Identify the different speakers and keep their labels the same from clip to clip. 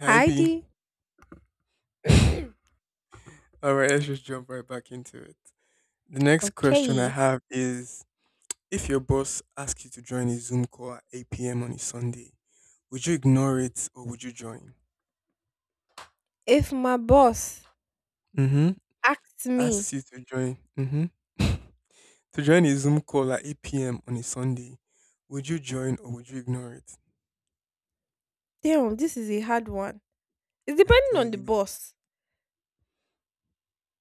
Speaker 1: Hi B.
Speaker 2: Heidi.
Speaker 1: All right, let's just jump right back into it. The next question I
Speaker 2: Okay.
Speaker 1: have is, if your boss asks you to join a Zoom call at 8 p.m. on a Sunday, would you ignore it or would you join?
Speaker 2: If my boss
Speaker 1: Mm-hmm.
Speaker 2: asks me...
Speaker 1: Asks you to join. Mm-hmm. To join a Zoom call at 8 p.m. on a Sunday, would you join or would you ignore it?
Speaker 2: damn, this is a hard one. It's
Speaker 1: I
Speaker 2: depending
Speaker 1: tell
Speaker 2: on the
Speaker 1: you.
Speaker 2: boss.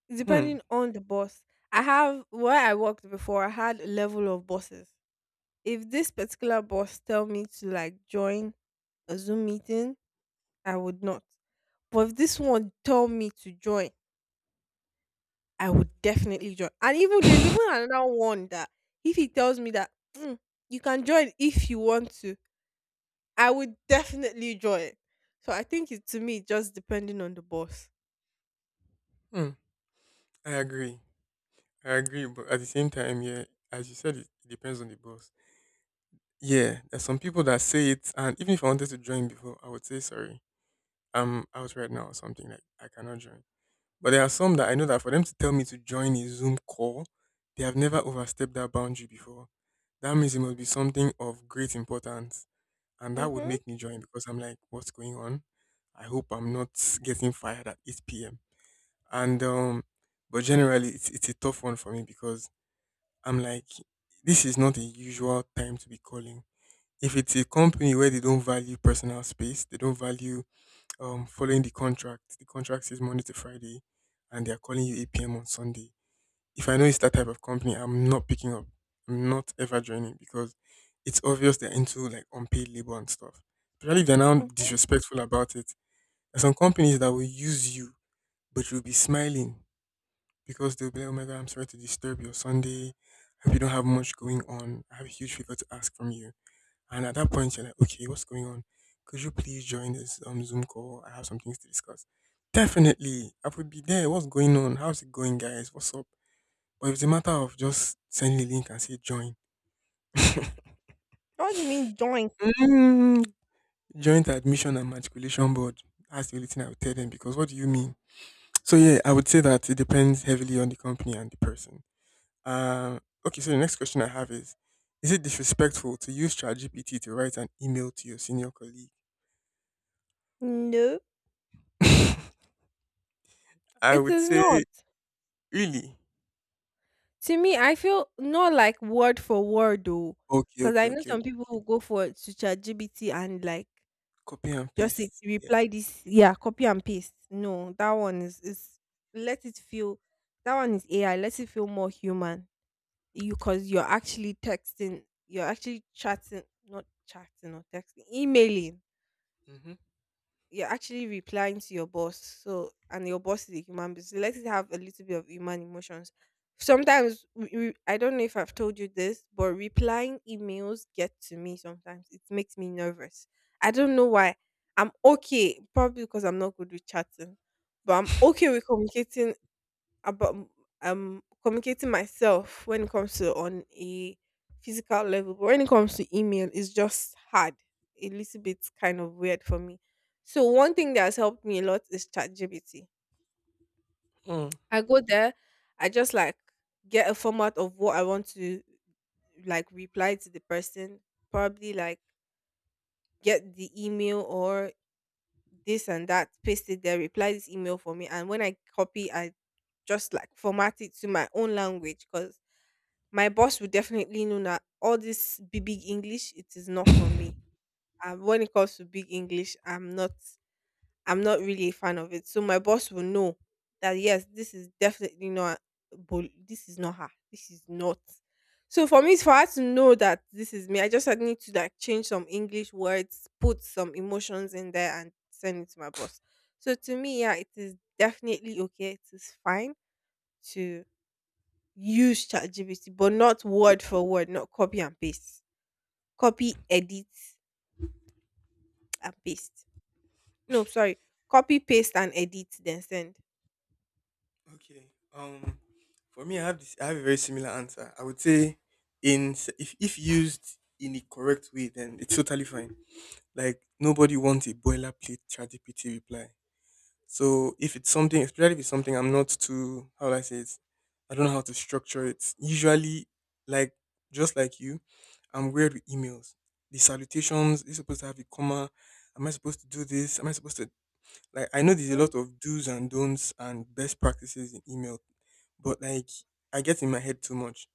Speaker 2: It's
Speaker 1: Hmm.
Speaker 2: depending on the boss. I have, where I worked before, I had a level of bosses. If this particular boss tell me to like join a Zoom meeting, I would not. But if this one tell me to join, I would definitely join. And even there's even another one that if he tells me that, "Mm, you can join if you want to," I would definitely draw it. So I think it's to me just depending on the boss.
Speaker 1: Hmm. I agree. I agree, but at the same time, yeah, as you said, it depends on the boss. Yeah, there's some people that say it, and even if I wanted to join before, I would say sorry. I'm out right now or something, like I cannot join. But there are some that I know, that for them to tell me to join a Zoom call, they have never overstepped that boundary before. That means it must be something of great importance, and that would
Speaker 2: Mm-hmm.
Speaker 1: make me join because I'm like, what's going on? I hope I'm not getting fired at 8 p.m. And But generally, it's a tough one for me because I'm like, this is not a usual time to be calling. If it's a company where they don't value personal space, they don't value following the contract. The contract says Monday to Friday, and they are calling you 8 p.m. on Sunday. If I know it's that type of company, I'm not picking up. I'm not ever joining because it's obvious they're into like unpaid labor and stuff. Especially if they're now
Speaker 2: Mhm.
Speaker 1: disrespectful about it. There's some companies that will use you, but you'll be smiling because they'll be like, "Oh my god, I'm sorry to disturb your Sunday. I hope you don't have much going on. I have a huge favor to ask from you." And at that point, you're like, okay, what's going on? Could you please join this Zoom call? I have some things to discuss. Definitely, I will be there. What's going on? How's it going, guys? What's up? But if it's a matter of just sending a link and say join,
Speaker 2: What do you mean join?
Speaker 1: mm, joint admission and matriculation board. That's the only thing I would tell them, because what do you mean? So yeah, I would say that it depends heavily on the company and the person. Uh, okay, so the next question I have is: is it disrespectful to use ChatGPT to write an email to your senior colleague?
Speaker 2: No,
Speaker 1: I
Speaker 2: it
Speaker 1: would
Speaker 2: is
Speaker 1: say
Speaker 2: not.
Speaker 1: really.
Speaker 2: To me, I feel not like word for word though,
Speaker 1: Okay,
Speaker 2: because
Speaker 1: okay,
Speaker 2: I know
Speaker 1: okay, okay.
Speaker 2: some people who
Speaker 1: Okay.
Speaker 2: go for to ChatGPT and like
Speaker 1: Copy and
Speaker 2: just say,
Speaker 1: paste. Yeah.
Speaker 2: reply this, yeah, copy and paste. No, that one is let it feel. That one is AI. Let it feel more human. You because you're actually texting, you're actually chatting, not chatting or texting, emailing.
Speaker 1: Mm-hmm.
Speaker 2: You're actually replying to your boss. So, and your boss is a human being. So let it have a little bit of human emotions. Sometimes, I don't know if I've told you this, but replying emails get to me sometimes. It makes me nervous. I don't know why. I'm okay, probably because I'm not good with chatting, but I'm okay with communicating about communicating myself when it comes to on a physical level, but when it comes to email, it's just hard, a little bit kind of weird for me. So one thing that has helped me a lot is ChatGPT.
Speaker 1: Mm.
Speaker 2: I go there, I just like get a format of what I want to like reply to the person, probably like get the email or this and that, paste it there, reply this email for me. And when I copy, I just like format it to my own language, because my boss will definitely know that all this big, big English, it is not for me. And when it comes to big English, I'm not really a fan of it. So my boss will know that yes, this is definitely not this is not her. This is not. So for me, it's for her to know that this is me. I just had need to like change some English words, put some emotions in there, and send it to my boss. So to me, yeah, it is definitely okay. It is fine to use ChatGPT, but not word for word, not copy and paste. Copy, edit, and paste. No, sorry. Copy, paste, and edit, then send.
Speaker 1: Okay. Um, for me, I have this. I have a very similar answer. I would say, if used in the correct way, then it's totally fine. Like nobody wants a boilerplate ChatGPT reply. So if it's something, especially if it's something I'm not too, how do I say it? I don't know how to structure it. Usually, like, just like you, I'm weird with emails. The salutations, you're supposed to have a comma. Am I supposed to do this? Am I supposed to like? I know there's a lot
Speaker 2: Hmm.
Speaker 1: of do's and don'ts and best practices in email, but like, I get in my head too much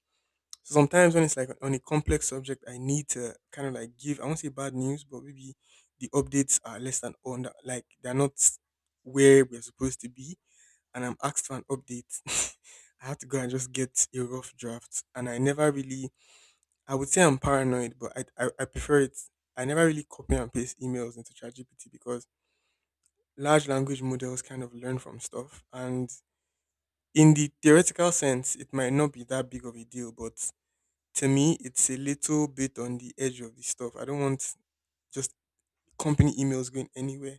Speaker 1: sometimes when it's like on a complex subject. I need to kind of like give, I won't say bad news, but maybe the updates are less than on that, like they're not where we're supposed to be. And I'm asked for an update. I have to go and just get a rough draft. And I never really, I would say I'm paranoid, but I prefer it. I never really copy and paste emails into ChatGPT because large language models kind of learn from stuff. And in the theoretical sense, it might not be that big of a deal, but to me, it's a little bit on the edge of the stuff. I don't want just company emails going anywhere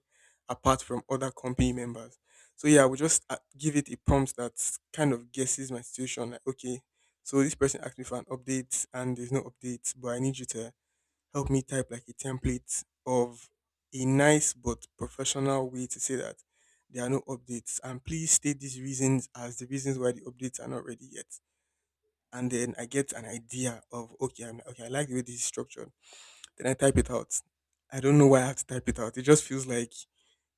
Speaker 1: apart from other company members. So yeah, I would just give it a prompt that kind of guesses my situation. Like, okay, so this person asked me for an update and there's no update, but I need you to help me type like a template of a nice but professional way to say that there are no updates. And please state these reasons as the reasons why the updates are not ready yet. And then I get an idea of, okay, I'm okay, I like the way this is structured. Then I type it out. I don't know why I have to type it out. It just feels like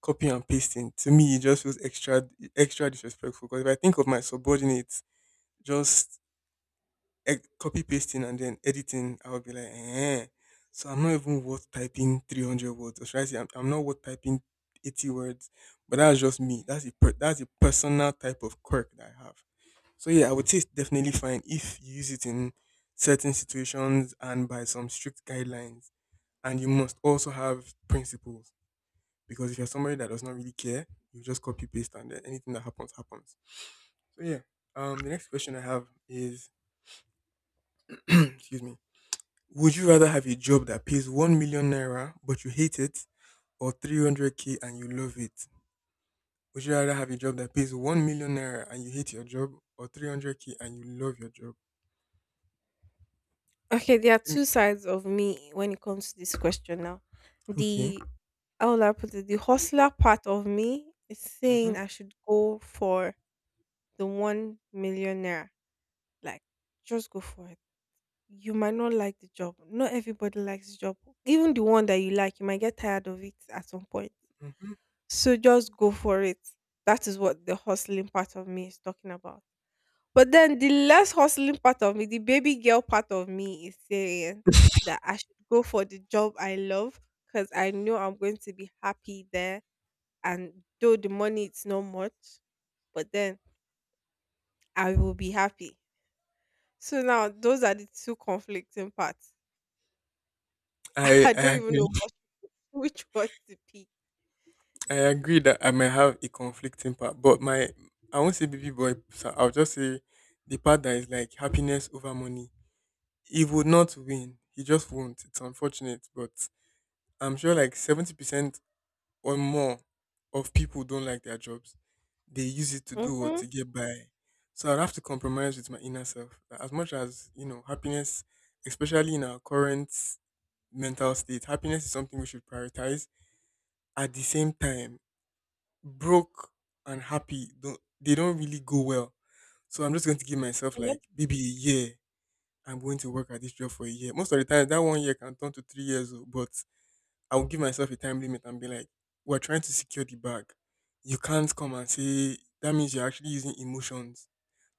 Speaker 1: copying and pasting. To me, it just feels extra extra disrespectful. Because if I think of my subordinates just copy pasting and then editing, I would be like, eh. So I'm not even worth typing 300 words. Or should I say, I'm not worth typing 80 words. But that's just me. That's a personal type of quirk that I have. So yeah, I would say it's definitely fine if you use it in certain situations and by some strict guidelines. And you must also have principles because if you're somebody that does not really care, you just copy paste and then anything that happens happens. So yeah, the next question I have is, excuse me, would you rather have a job that pays 1 million naira but you hate it, or 300 k and you love it? Would you rather have a job that pays 1 million naira and you hate your job, or 300 k and you love your job?
Speaker 2: Okay, there are
Speaker 1: Mm.
Speaker 2: two sides of me when it comes to this question now.
Speaker 1: Okay.
Speaker 2: The How will I put it? The hustler part of me is
Speaker 1: Mm-hmm.
Speaker 2: saying I should go for the one millionaire. Like, just go for it. You might not like the job. Not everybody likes the job. Even the one that you like, you might get tired of it at some point.
Speaker 1: Mm-hmm.
Speaker 2: So just go for it. That is what the hustling part of me is talking about. But then the less hustling part of me, the baby girl part of me is saying that I should go for the job I love, because I know I'm going to be happy there. And though the money is not much, but then I will be happy. So now those are the two conflicting parts.
Speaker 1: I
Speaker 2: I
Speaker 1: I
Speaker 2: don't even
Speaker 1: agree.
Speaker 2: know what, which one to pick.
Speaker 1: I agree that I might have a conflicting part, but my, I won't say baby boy. So I'll just say the part that is like happiness over money. He would not win. He just won't. It's unfortunate, but I'm sure like 70% or more of people don't like their jobs. They use it to do what
Speaker 2: Mm-hmm.
Speaker 1: to get by. So I'd have to compromise with my inner self. That as much as you know, happiness, especially in our current mental state, happiness is something we should prioritize. At the same time, broke and happy don't, they don't really go well. So I'm just going to give myself
Speaker 2: Yep.
Speaker 1: like maybe a year. I'm going to work at this job for a year. Most of the time, that 1 year can turn to 3 years, oh, but I will give myself a time limit and be like, we're trying to secure the bag. You can't come and say, that means you're actually using emotions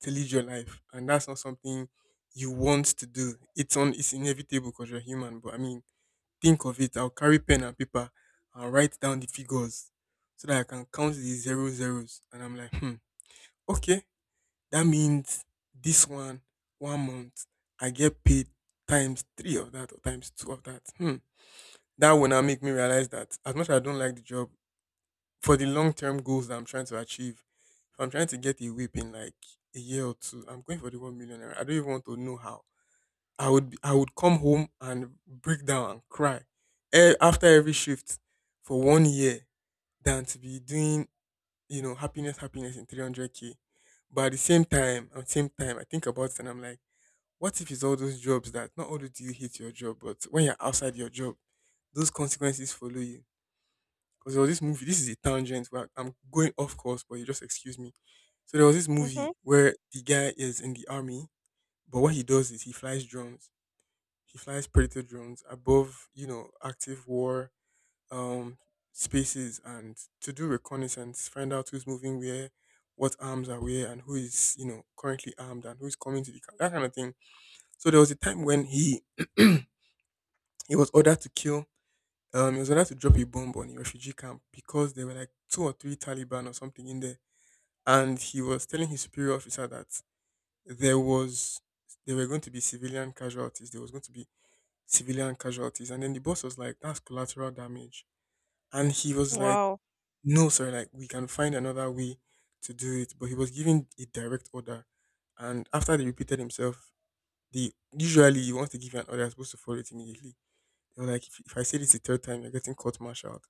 Speaker 1: to lead your life, and that's not something you want to do. It's inevitable because you're human. But I mean, think of it, I'll carry pen and paper and write down the figures so that I can count the zero zeros. And I'm like, hmm, okay, that means this one, 1 month, I get paid times three of that or times two of that. Hmm. That will now make me realize that as much as I don't like the job, for the long term goals that I'm trying to achieve, if I'm trying to get a whip in like a year or two, I'm going for the 1 million. Naira. I don't even want to know how. I would come home and break down and cry after every shift for 1 year than to be doing, you know, happiness happiness in 300k. But at the same time, at the same time, I think about it and I'm like, what if it's all those jobs that not only do you hate your job, but when you're outside your job, those consequences follow you. Because there was this movie, this is a tangent, where I'm going off course, but you just excuse me. So there was this
Speaker 2: Mm-hmm.
Speaker 1: movie where the guy is in the army, but what he does is he flies drones. He flies predator drones above, you know, active war um, spaces, and to do reconnaissance, find out who's moving where, what arms are where, and who is, you know, currently armed and who's coming to the camp, that kind of thing. So there was a time when he he was ordered to kill. He was ordered to drop a bomb on a refugee camp because there were like two or three Taliban or something in there, and he was telling his superior officer that there was there were going to be civilian casualties. There was going to be civilian casualties. And then the boss was like, that's collateral damage. And he was like,
Speaker 2: Wow.
Speaker 1: no, sir, like we can find another way to do it. But he was giving a direct order. And after they repeated himself, the, usually he wants to give you an order, you're supposed to follow it immediately. They were like, if I say this the third time, you're getting court martialed.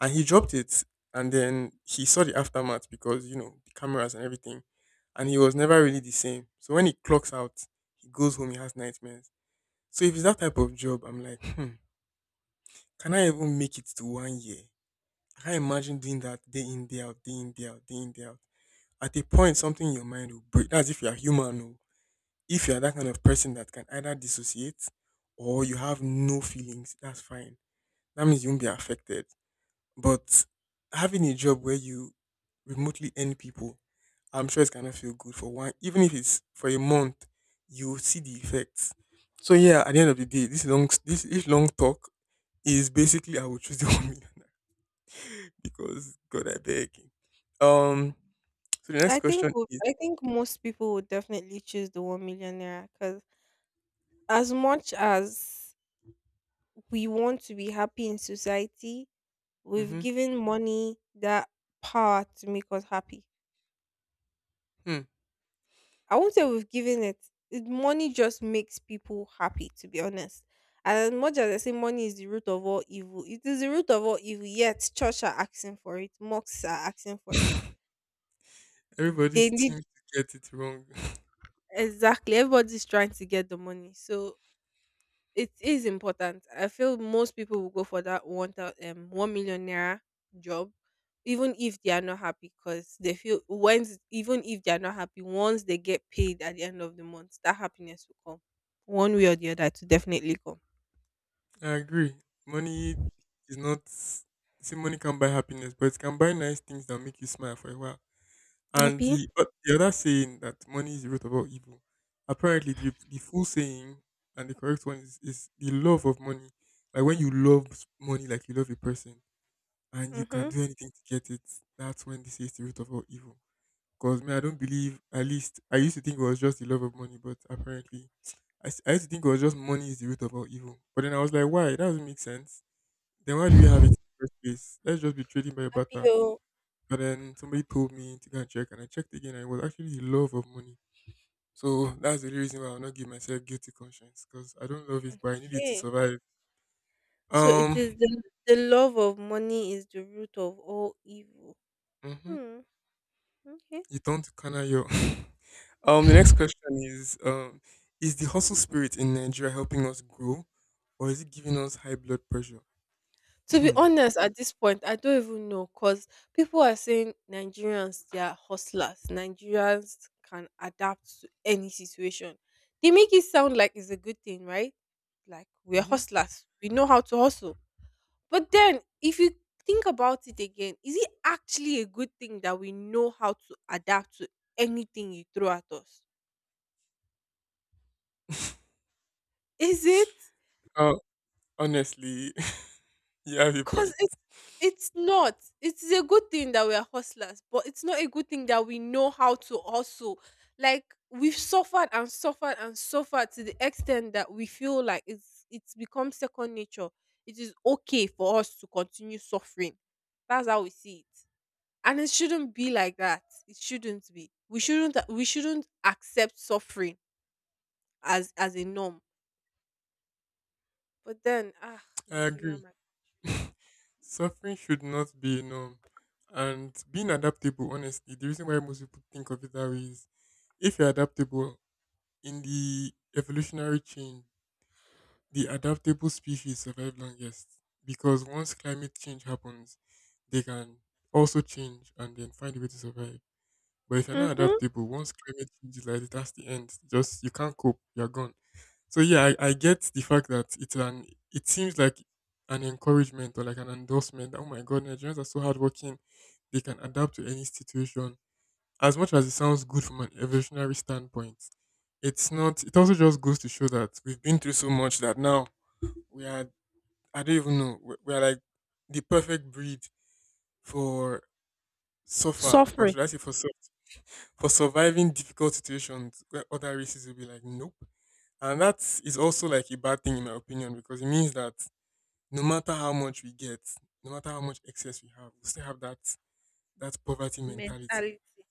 Speaker 1: And he dropped it. And then he saw the aftermath because, you know, the cameras and everything. And he was never really the same. So when he clocks out, he goes home, he has nightmares. So if it's that type of job, I'm like, can I even make it to 1 year? I can't imagine doing that day in, day out, day in, day out, day in, day out. At a point, something in your mind will break. That's if you're human. Oh. If you're that kind of person that can either dissociate or you have no feelings, that's fine. That means you won't be affected. But having a job where you remotely end people, I'm sure it's gonna feel good for one. Even if it's for a month, you'll see the effects. So yeah, at the end of the day, this long talk is basically I will choose the 1,000,000, because God, I beg. Um, so the next question is,
Speaker 2: I think most people would definitely choose the one millionaire, because as much as we want to be happy in society, we've
Speaker 1: mm-hmm,
Speaker 2: given money that power to make us happy. I won't say we've given it. Money just makes people happy, to be honest. And as much as I say money is the root of all evil, it is the root of all evil. Yet church are asking for it, mosques are asking for it.
Speaker 1: hmm. Everybody
Speaker 2: They need
Speaker 1: seems to get it wrong.
Speaker 2: Exactly, everybody's trying to get the money. So it is important. I feel most people will go for that 1 million naira job, even if they are not happy, because they feel once even if they are not happy, once they get paid at the end of the month, that happiness will come, one way or the other. To definitely come.
Speaker 1: I agree. Money is not. Say money can buy happiness, but it can buy nice things that make you smile for a while. And
Speaker 2: Happy.
Speaker 1: the the other saying that money is the root of all evil. Apparently, the full saying and the correct one is the love of money. Like when you love money, like you love a person, and you can
Speaker 2: Mm-hmm.
Speaker 1: do anything to get it. That's when they say it's the root of all evil. Cause me, I don't believe. At least I used to think it was just the love of money, but apparently I used to think it was just money is the root of all evil. But then I was like, why? That doesn't make sense. Then why do we have it in the first place? Let's just be trading by
Speaker 2: Happy,
Speaker 1: butter. But then somebody told me to go and check, and I checked again, and it was actually the love of money. So that's the only reason why I'll not give myself guilty conscience, cause I don't love it, but I need it to
Speaker 2: okay.
Speaker 1: survive.
Speaker 2: So it is,
Speaker 1: Um.
Speaker 2: the love of money is the root of all evil.
Speaker 1: Mhm.
Speaker 2: Hmm. Okay.
Speaker 1: You don't kana yo. The next question is, is the hustle spirit in Nigeria helping us grow, or is it giving us high blood pressure?
Speaker 2: To be
Speaker 1: Hmm.
Speaker 2: honest, at this point, I don't even know, because people are saying Nigerians, they are hustlers. Nigerians can adapt to any situation. They make it sound like it's a good thing, right? Like we're
Speaker 1: Hmm.
Speaker 2: hustlers, we know how to hustle. But then, if you think about it again, is it actually a good thing that we know how to adapt to anything you throw at us? Is it?
Speaker 1: Uh, honestly, you have a
Speaker 2: 'Cause
Speaker 1: point.
Speaker 2: it's not. It is a good thing that we are hustlers, but it's not a good thing that we know how to hustle. Like, we've suffered and suffered and suffered to the extent that we feel like it's become second nature. It is okay for us to continue suffering. That's how we see it. And it shouldn't be like that. It shouldn't be. We shouldn't accept suffering as a norm. But then, ah,
Speaker 1: I
Speaker 2: Nigeria,
Speaker 1: agree.
Speaker 2: my...
Speaker 1: Suffering should not be a norm. And being adaptable, honestly, the reason why most people think of it that way is if you're adaptable in the evolutionary chain, the adaptable species survive longest because once climate change happens, they can also change and then find a way to survive. But if you're not
Speaker 2: Mhm.
Speaker 1: adaptable, once climate change is like that's the end. Just you can't cope, you're gone. So yeah, I get the fact that it's an it seems like an encouragement or like an endorsement, that, oh my god, Nigerians are so hardworking, they can adapt to any situation. As much as it sounds good from an evolutionary standpoint, it's not it also just goes to show that we've been through so much that now we are I don't even know. We're like the perfect breed for suffer, or
Speaker 2: Suffering.
Speaker 1: should I say for for surviving difficult situations where other races will be like, nope. And that is also like a bad thing in my opinion because it means that no matter how much we get, no matter how much excess we have, we still have that poverty mentality.
Speaker 2: Mentality.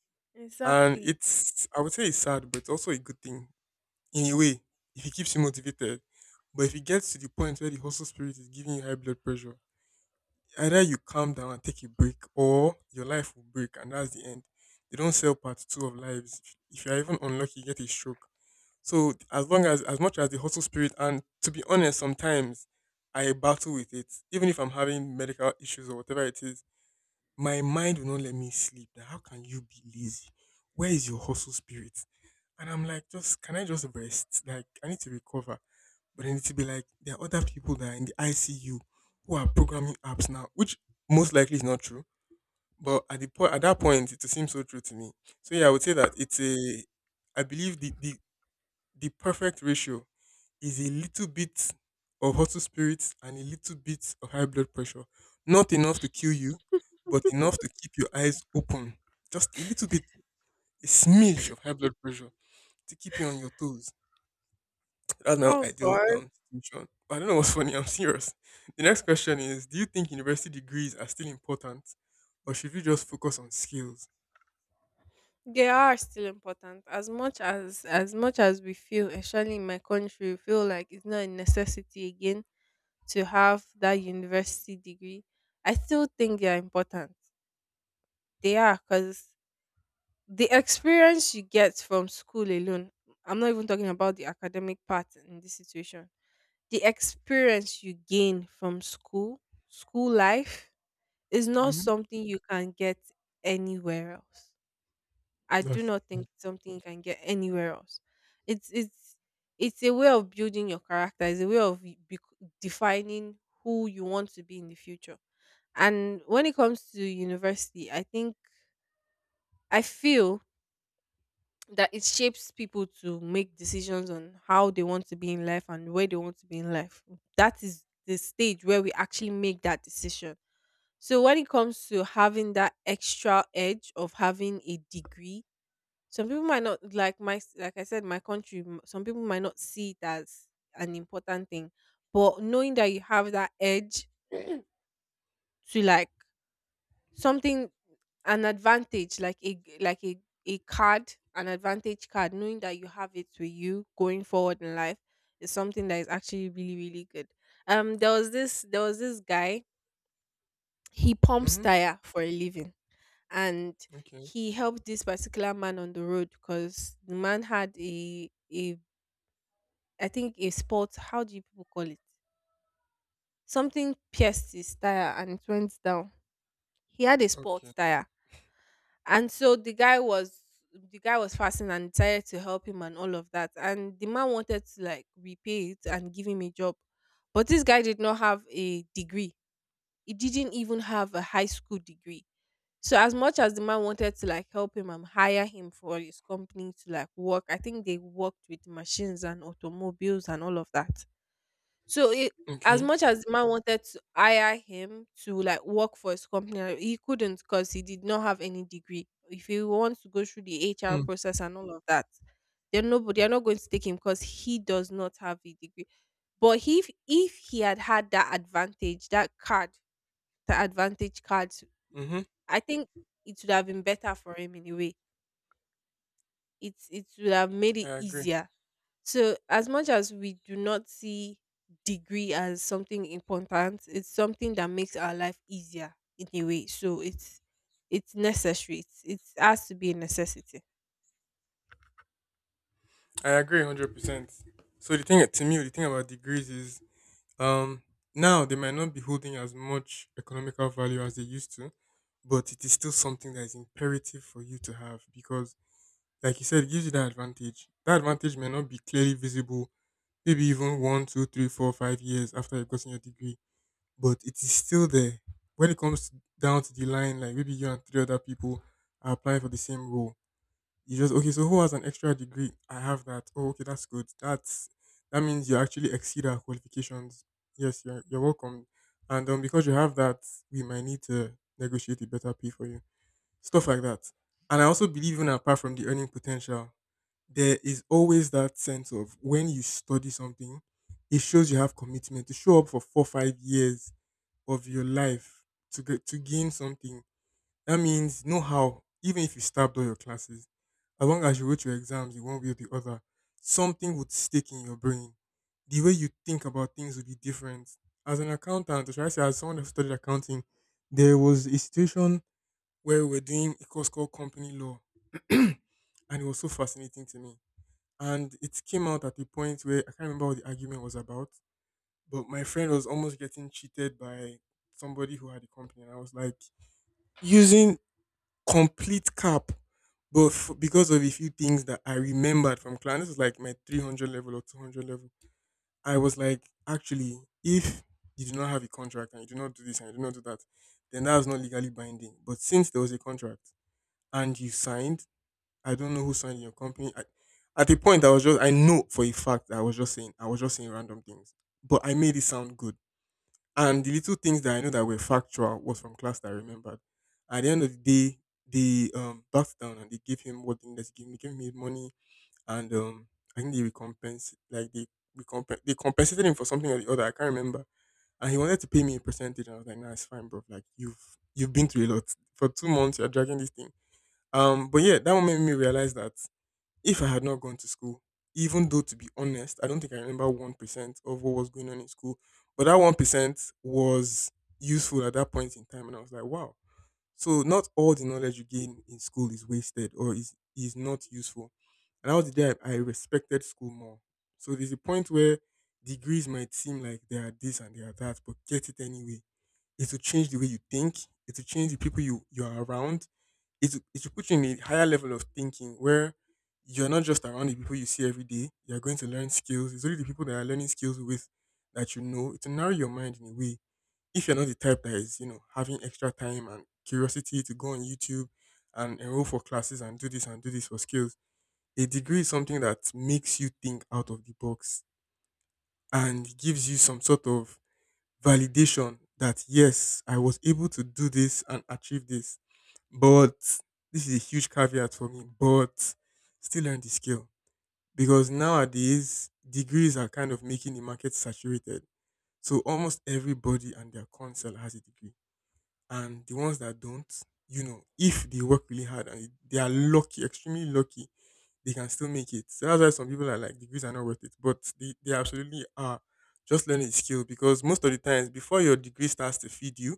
Speaker 1: And
Speaker 2: Exactly.
Speaker 1: it's I would say it's sad, but it's also a good thing in a way if it keeps you motivated. But if it gets to the point where the hustle spirit is giving you high blood pressure, either you calm down and take a break or your life will break and that's the end. They don't sell part two of lives. If you're even unlucky, you get a stroke. So as long as much as the hustle spirit and to be honest, sometimes I battle with it. Even if I'm having medical issues or whatever it is, my mind will not let me sleep. That how can you be lazy? Where is your hustle spirit? And I'm like, just can I just rest? Like I need to recover. But then it'll be like there are other people that are in the ICU who are programming apps now, which most likely is not true. But at that point it seems so true to me. So yeah, I would say that it's a I believe the perfect ratio is a little bit of hustle spirits and a little bit of high blood pressure. Not enough to kill you, but enough to keep your eyes open. Just a little bit, a smidge of high blood pressure to keep you on your toes. That's now I
Speaker 2: Oh
Speaker 1: do
Speaker 2: God,
Speaker 1: situation. But I don't know what's funny. I'm serious. The next question is: do you think university degrees are still important, or should we just focus on skills?
Speaker 2: they are still important. As much as we feel, especially in my country, we feel like it's not a necessity again to have that university degree. I still think they are important. They are, because the experience you get from school alone. I'm not even talking about the academic part in this situation. The experience you gain from school, school life. It's not
Speaker 1: Mm-hmm.
Speaker 2: something you can get anywhere else. I do
Speaker 1: That's
Speaker 2: not think
Speaker 1: true.
Speaker 2: it's something you can get anywhere else. It's it's it's a way of building your character. It's a way of y- bec defining who you want to be in the future. And when it comes to university, I feel that it shapes people to make decisions on how they want to be in life and where they want to be in life. That is the stage where we actually make that decision. So when it comes to having that extra edge of having a degree, some people might not like my, like I said, my country. Some people might not see it as an important thing, but knowing that you have that edge to like something, an advantage, like a g- like a card, an advantage card, knowing that you have it with you going forward in life is something that is actually really really good. There was this guy. He pumps
Speaker 1: Mm-hmm.
Speaker 2: tire for a living, and
Speaker 1: Okay.
Speaker 2: he helped this particular man on the road because the man had a, I think, a spot. How do you people call it? Something pierced his tire and it went down. He had a spot
Speaker 1: Okay.
Speaker 2: tire, and so the guy was fasting and decided to help him and all of that. And the man wanted to like repay it and give him a job, but this guy did not have a degree. He didn't even have a high school degree. So as much as the man wanted to like help him and hire him for his company to like work, I think they worked with machines and automobiles and all of that. So it, as
Speaker 1: Okay.
Speaker 2: much as the man wanted to hire him to like work for his company, he couldn't, because he did not have any degree. If he wants to go through the HR
Speaker 1: Mm.
Speaker 2: process and all of that, they're nobody. They're not going to take him because he does not have a degree. But if he had had that advantage, that card, the advantage card,
Speaker 1: Mm-hmm.
Speaker 2: I think it would have been better for him in a way. It would have made
Speaker 1: I
Speaker 2: it
Speaker 1: agree.
Speaker 2: easier. So as much as we do not see degree as something important, it's something that makes our life easier in a way. So it's necessary. It has to be a necessity.
Speaker 1: I agree 100%. So the thing to me, the thing about degrees is um now they might not be holding as much economical value as they used to, but it is still something that is imperative for you to have because like you said, it gives you that advantage. That advantage may not be clearly visible, maybe even one, two, three, four, 5 years after you've gotten your degree, but it is still there. When it comes down to the line, like maybe you and three other people are applying for the same role, you just okay. So who has an extra degree? I have that. Oh, okay, that's good. That's that means you actually exceed our qualifications. Yes, you're welcome. And because you have that, we might need to negotiate a better pay for you. Stuff like that. And I also believe in apart from the earning potential there is always that sense of when you study something, it shows you have commitment to show up for four, 5 years of your life to get to gain something. That means know how, even if you stabbed all your classes, as long as you wrote your exams in one way or the other, something would stick in your brain. The way you think about things would be different. As an accountant, or should I say as someone who studied accounting, there was a situation where we were doing a course called company law, and it was so fascinating to me and it came out at a point where I can't remember what the argument was about, but my friend was almost getting cheated by somebody who had a company, and I was like using complete cap, but because of a few things that I remembered from class, this was like my 300 level or 200 level. I was like, actually, if you do not have a contract and you do not do this and you do not do that, then that is not legally binding. But since there was a contract and you signed, I don't know who signed in your company. I, at the point, I know for a fact that I was just saying random things, but I made it sound good. And the little things that I know that were factual was from class that I remembered. At the end of the day, they backed down and they gave him what they needed to gave me his money, and I think they recompense, they compensated him for something or the other. I can't remember. And he wanted to pay me a percentage, and I was like, "Nah, it's fine, bro. Like you've been through a lot for 2 months. You're dragging this thing." But yeah, that moment made me realize that if I had not gone to school, even though to be honest, I don't think I remember 1% of what was going on in school, but that 1% was useful at that point in time. And I was like, wow. So not all the knowledge you gain in school is wasted or is not useful. And that was the day I respected school more. So there's a point where degrees might seem like they are this and they are that, but get it anyway. It will change the way you think. It will change the people you are around it should put you in a higher level of thinking where you're not just around the people you see every day. You're going to learn skills. It's only the people that are learning skills with that. It will narrow your mind in a way. If you're not the type that is, having extra time and curiosity to go on YouTube and enroll for classes and do this for skills, a degree is something that makes you think out of the box and gives you some sort of validation that yes, I was able to do this and achieve this. But this is a huge caveat for me, but still learn the skill because nowadays degrees are kind of making the market saturated. So almost everybody and their counsel has a degree and the ones that don't, if they work really hard and they are lucky, extremely lucky, they can still make it. So that's why some people are like degrees are not worth it, but they absolutely are. Just learning a skill because most of the times before your degree starts to feed you,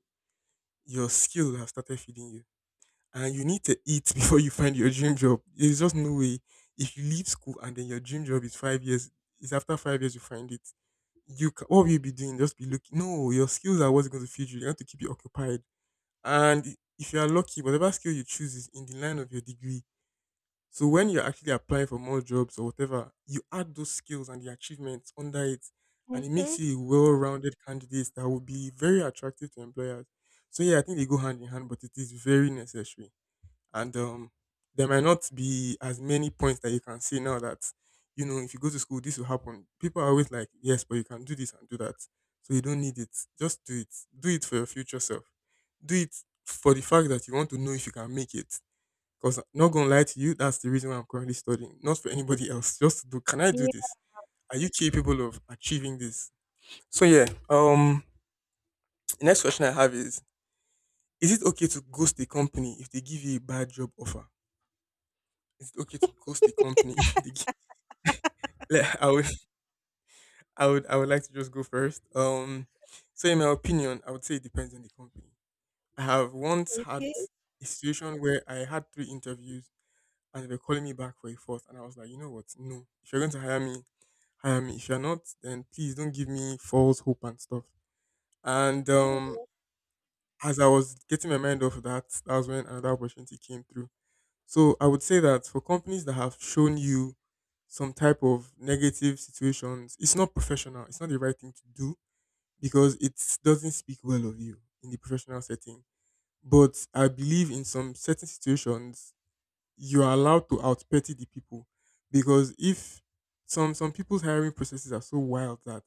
Speaker 1: your skill has started feeding you, and you need to eat before you find your dream job. There's just no way if you leave school and then your dream job is 5 years, is after 5 years you find it. You ca What will you be doing? Just be looking. No, your skills are what's going to feed you. You have to keep you occupied and if you are lucky, whatever skill you choose is in the line of your degree. So when you're actually applying for more jobs or whatever, you add those skills and the achievements under it, and it
Speaker 2: Mm-hmm.
Speaker 1: makes you a well-rounded candidate that will be very attractive to employers. So yeah, I think they go hand in hand, but it is very necessary and there might not be as many points that you can say now that if you go to school this will happen. People are always like, yes, but you can do this and do that, so you don't need it. Just do it. Do it for your future self. Do it for the fact that you want to know if you can make it, because not gonna lie to you, that's the reason why I'm currently studying, not for anybody else. Just to do, can I do
Speaker 2: Yeah.
Speaker 1: this? Are you capable of achieving this? So yeah, the next question I have is it okay to ghost the company if they give you a bad job offer? Is it okay to ghost the company? The g- like, I would like to just go first. So in my opinion, I would say it depends on the company. I have once had
Speaker 2: Okay.
Speaker 1: a situation where I had three interviews and they were calling me back for a fourth, and I was like, you know what? No, if you're going to hire me, hire me. If you're not, then please don't give me false hope and stuff. And
Speaker 2: Mm.
Speaker 1: as I was getting my mind off that, that was when another opportunity came through. So I would say that for companies that have shown you some type of negative situations, it's not professional. It's not the right thing to do because it doesn't speak well of you in the professional setting. But I believe in some certain situations, you are allowed to outpetty the people because if some people's hiring processes are so wild that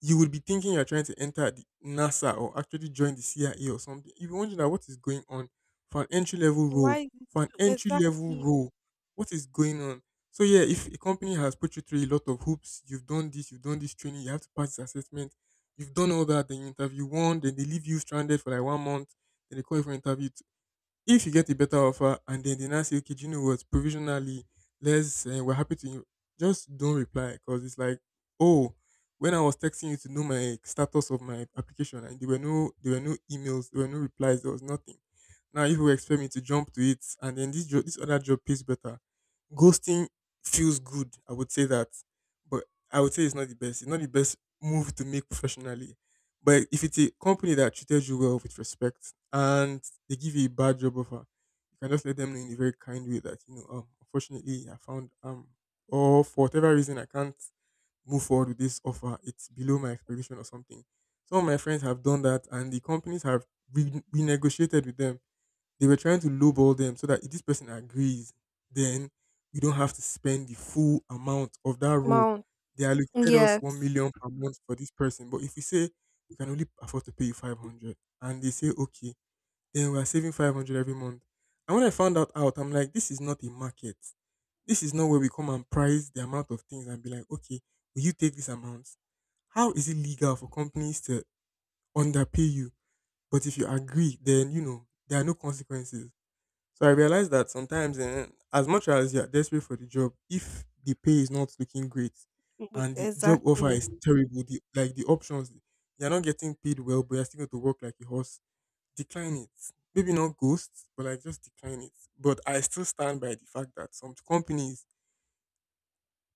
Speaker 1: you would be thinking you're trying to enter the NASA or actually join the CIA or something. You'd be wondering that what is going on for an entry level role.
Speaker 2: Why is
Speaker 1: For an entry level
Speaker 2: exactly.
Speaker 1: role, what is going on? So yeah, if a company has put you through a lot of hoops, you've done this training, you have to pass this assessment, you've done all that, then you interview one, then they leave you stranded for like 1 month, then they call you for interview. If you get a better offer and then they now say, okay, do you know what? Provisionally, we're happy to, you. Just don't reply because it's like, oh, when I was texting you to know my status of my application and there were no emails, there were no replies, there was nothing. Now if you expect me to jump to it, and then this job, this other job pays better. Ghosting feels good. I would say that, but I would say it's not the best. It's not the best move to make professionally. But if it's a company that treated you well with respect and they give you a bad job offer, you can just let them know in a very kind way that, unfortunately I found or for whatever reason I can't move forward with this offer. It's below my expectation or something. Some of my friends have done that and the companies have renegotiated with them. They were trying to lowball them so that if this person agrees, then you don't have to spend the full amount of that role.
Speaker 2: Amount?
Speaker 1: They allocated us one
Speaker 2: Yes.
Speaker 1: million per month for this person, but if we say we can only afford to pay you 500, and they say okay, then we are saving 500 every month. And when I found that out, I'm like, this is not a market. This is not where we come and price the amount of things and be like, okay, will you take this amount? How is it legal for companies to underpay you? But if you agree, then you know there are no consequences. So I realized that sometimes, eh, as much as you're desperate for the job, if the pay is not looking great
Speaker 2: Mm.
Speaker 1: and the job offer
Speaker 2: Exactly.
Speaker 1: is terrible, the, like the options, you're not getting paid well, but you're still going to work like a horse, decline it. Maybe not ghost, but like just decline it. But I still stand by the fact that some companies,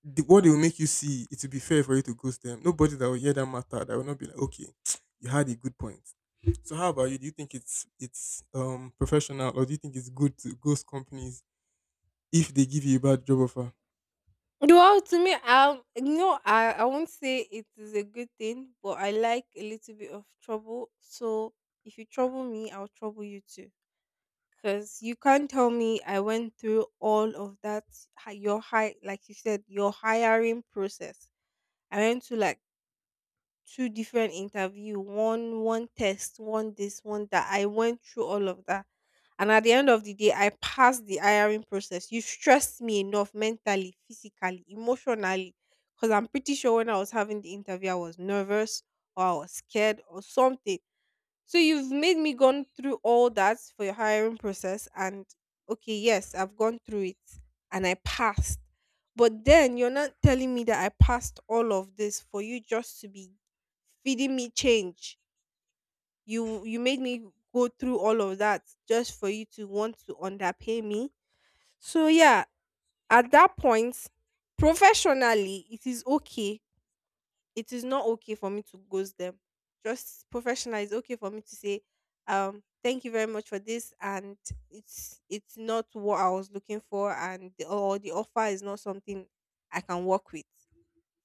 Speaker 1: the, what they will make you see, it will be fair for you to ghost them. Nobody that will hear that matter, that will not be like, okay, you had a good point. So how about you? Do you think it's professional, or do you think it's good to ghost companies if they give you a bad job offer?
Speaker 2: Well, to me, no, I won't say it is a good thing, but I like a little bit of trouble. So if you trouble me, I'll trouble you too. Because you can't tell me I went through all of that, your high, like you said, your hiring process. I went to like two different interview, one test, one this, one that. I went through all of that. And at the end of the day, I passed the hiring process. You stressed me enough mentally, physically, emotionally. Because I'm pretty sure when I was having the interview, I was nervous or I was scared or something. So you've made me gone through all that for your hiring process, and okay, yes, I've gone through it and I passed. But then you're not telling me that I passed all of this for you just to be feeding me change. You made me go through all of that just for you to want to underpay me. So yeah, at that point, professionally, it is not okay for me to ghost them. Just professionally, it's okay for me to say, thank you very much for this, and it's not what I was looking for, and or the offer is not something I can work with.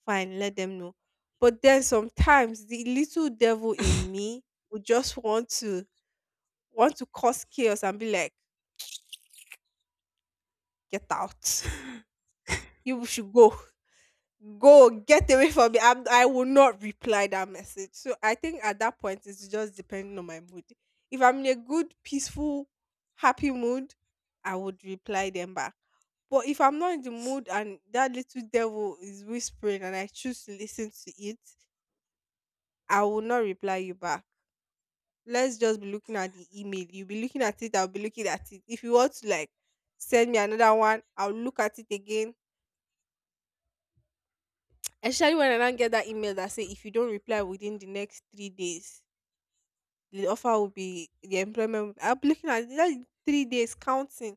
Speaker 2: Fine, let them know. But then sometimes the little devil in me would just want to cause chaos and be like, get out. You should go. Get away from me. I will not reply that message. So I think at that point it's just depending on my mood. If I'm in a good, peaceful, happy mood, I would reply them back. But if I'm not in the mood, and that little devil is whispering, and I choose to listen to it, I will not reply you back. Let's just be looking at the email, you'll be looking at it, I'll be looking at it. If you want to like send me another one, I'll look at it again. Especially when I now get that email that say if you don't reply within the next 3 days, the offer will be the employment. I'll be looking at that 3 days counting.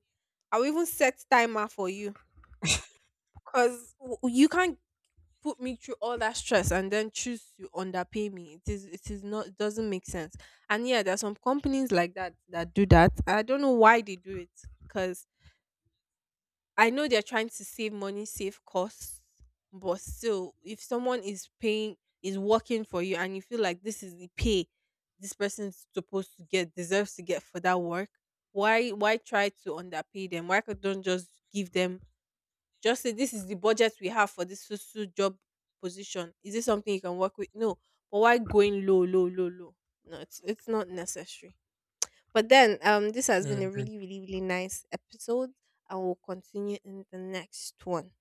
Speaker 2: I'll even set timer for you, because you can't put me through all that stress and then choose to underpay me. It is, it is not, it doesn't make sense. And yeah, there are some companies like that that do that. I don't know why they do it, because I know they're trying to save money, save costs, but still, if someone is paying, is working for you, and you feel like this is the pay this person is supposed to get, deserves to get for that work, why try to underpay them? Why could Don't just give them, just say this is the budget we have for this so job position? Is this something you can work with? No, but why going low, low, low, low? No, it's not necessary. But then, this
Speaker 1: I
Speaker 2: has been a
Speaker 1: agree.
Speaker 2: really, really, really nice episode, and we'll continue in the next one.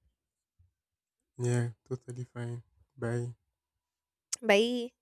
Speaker 1: Yeah, totally fine. Bye.
Speaker 2: Bye.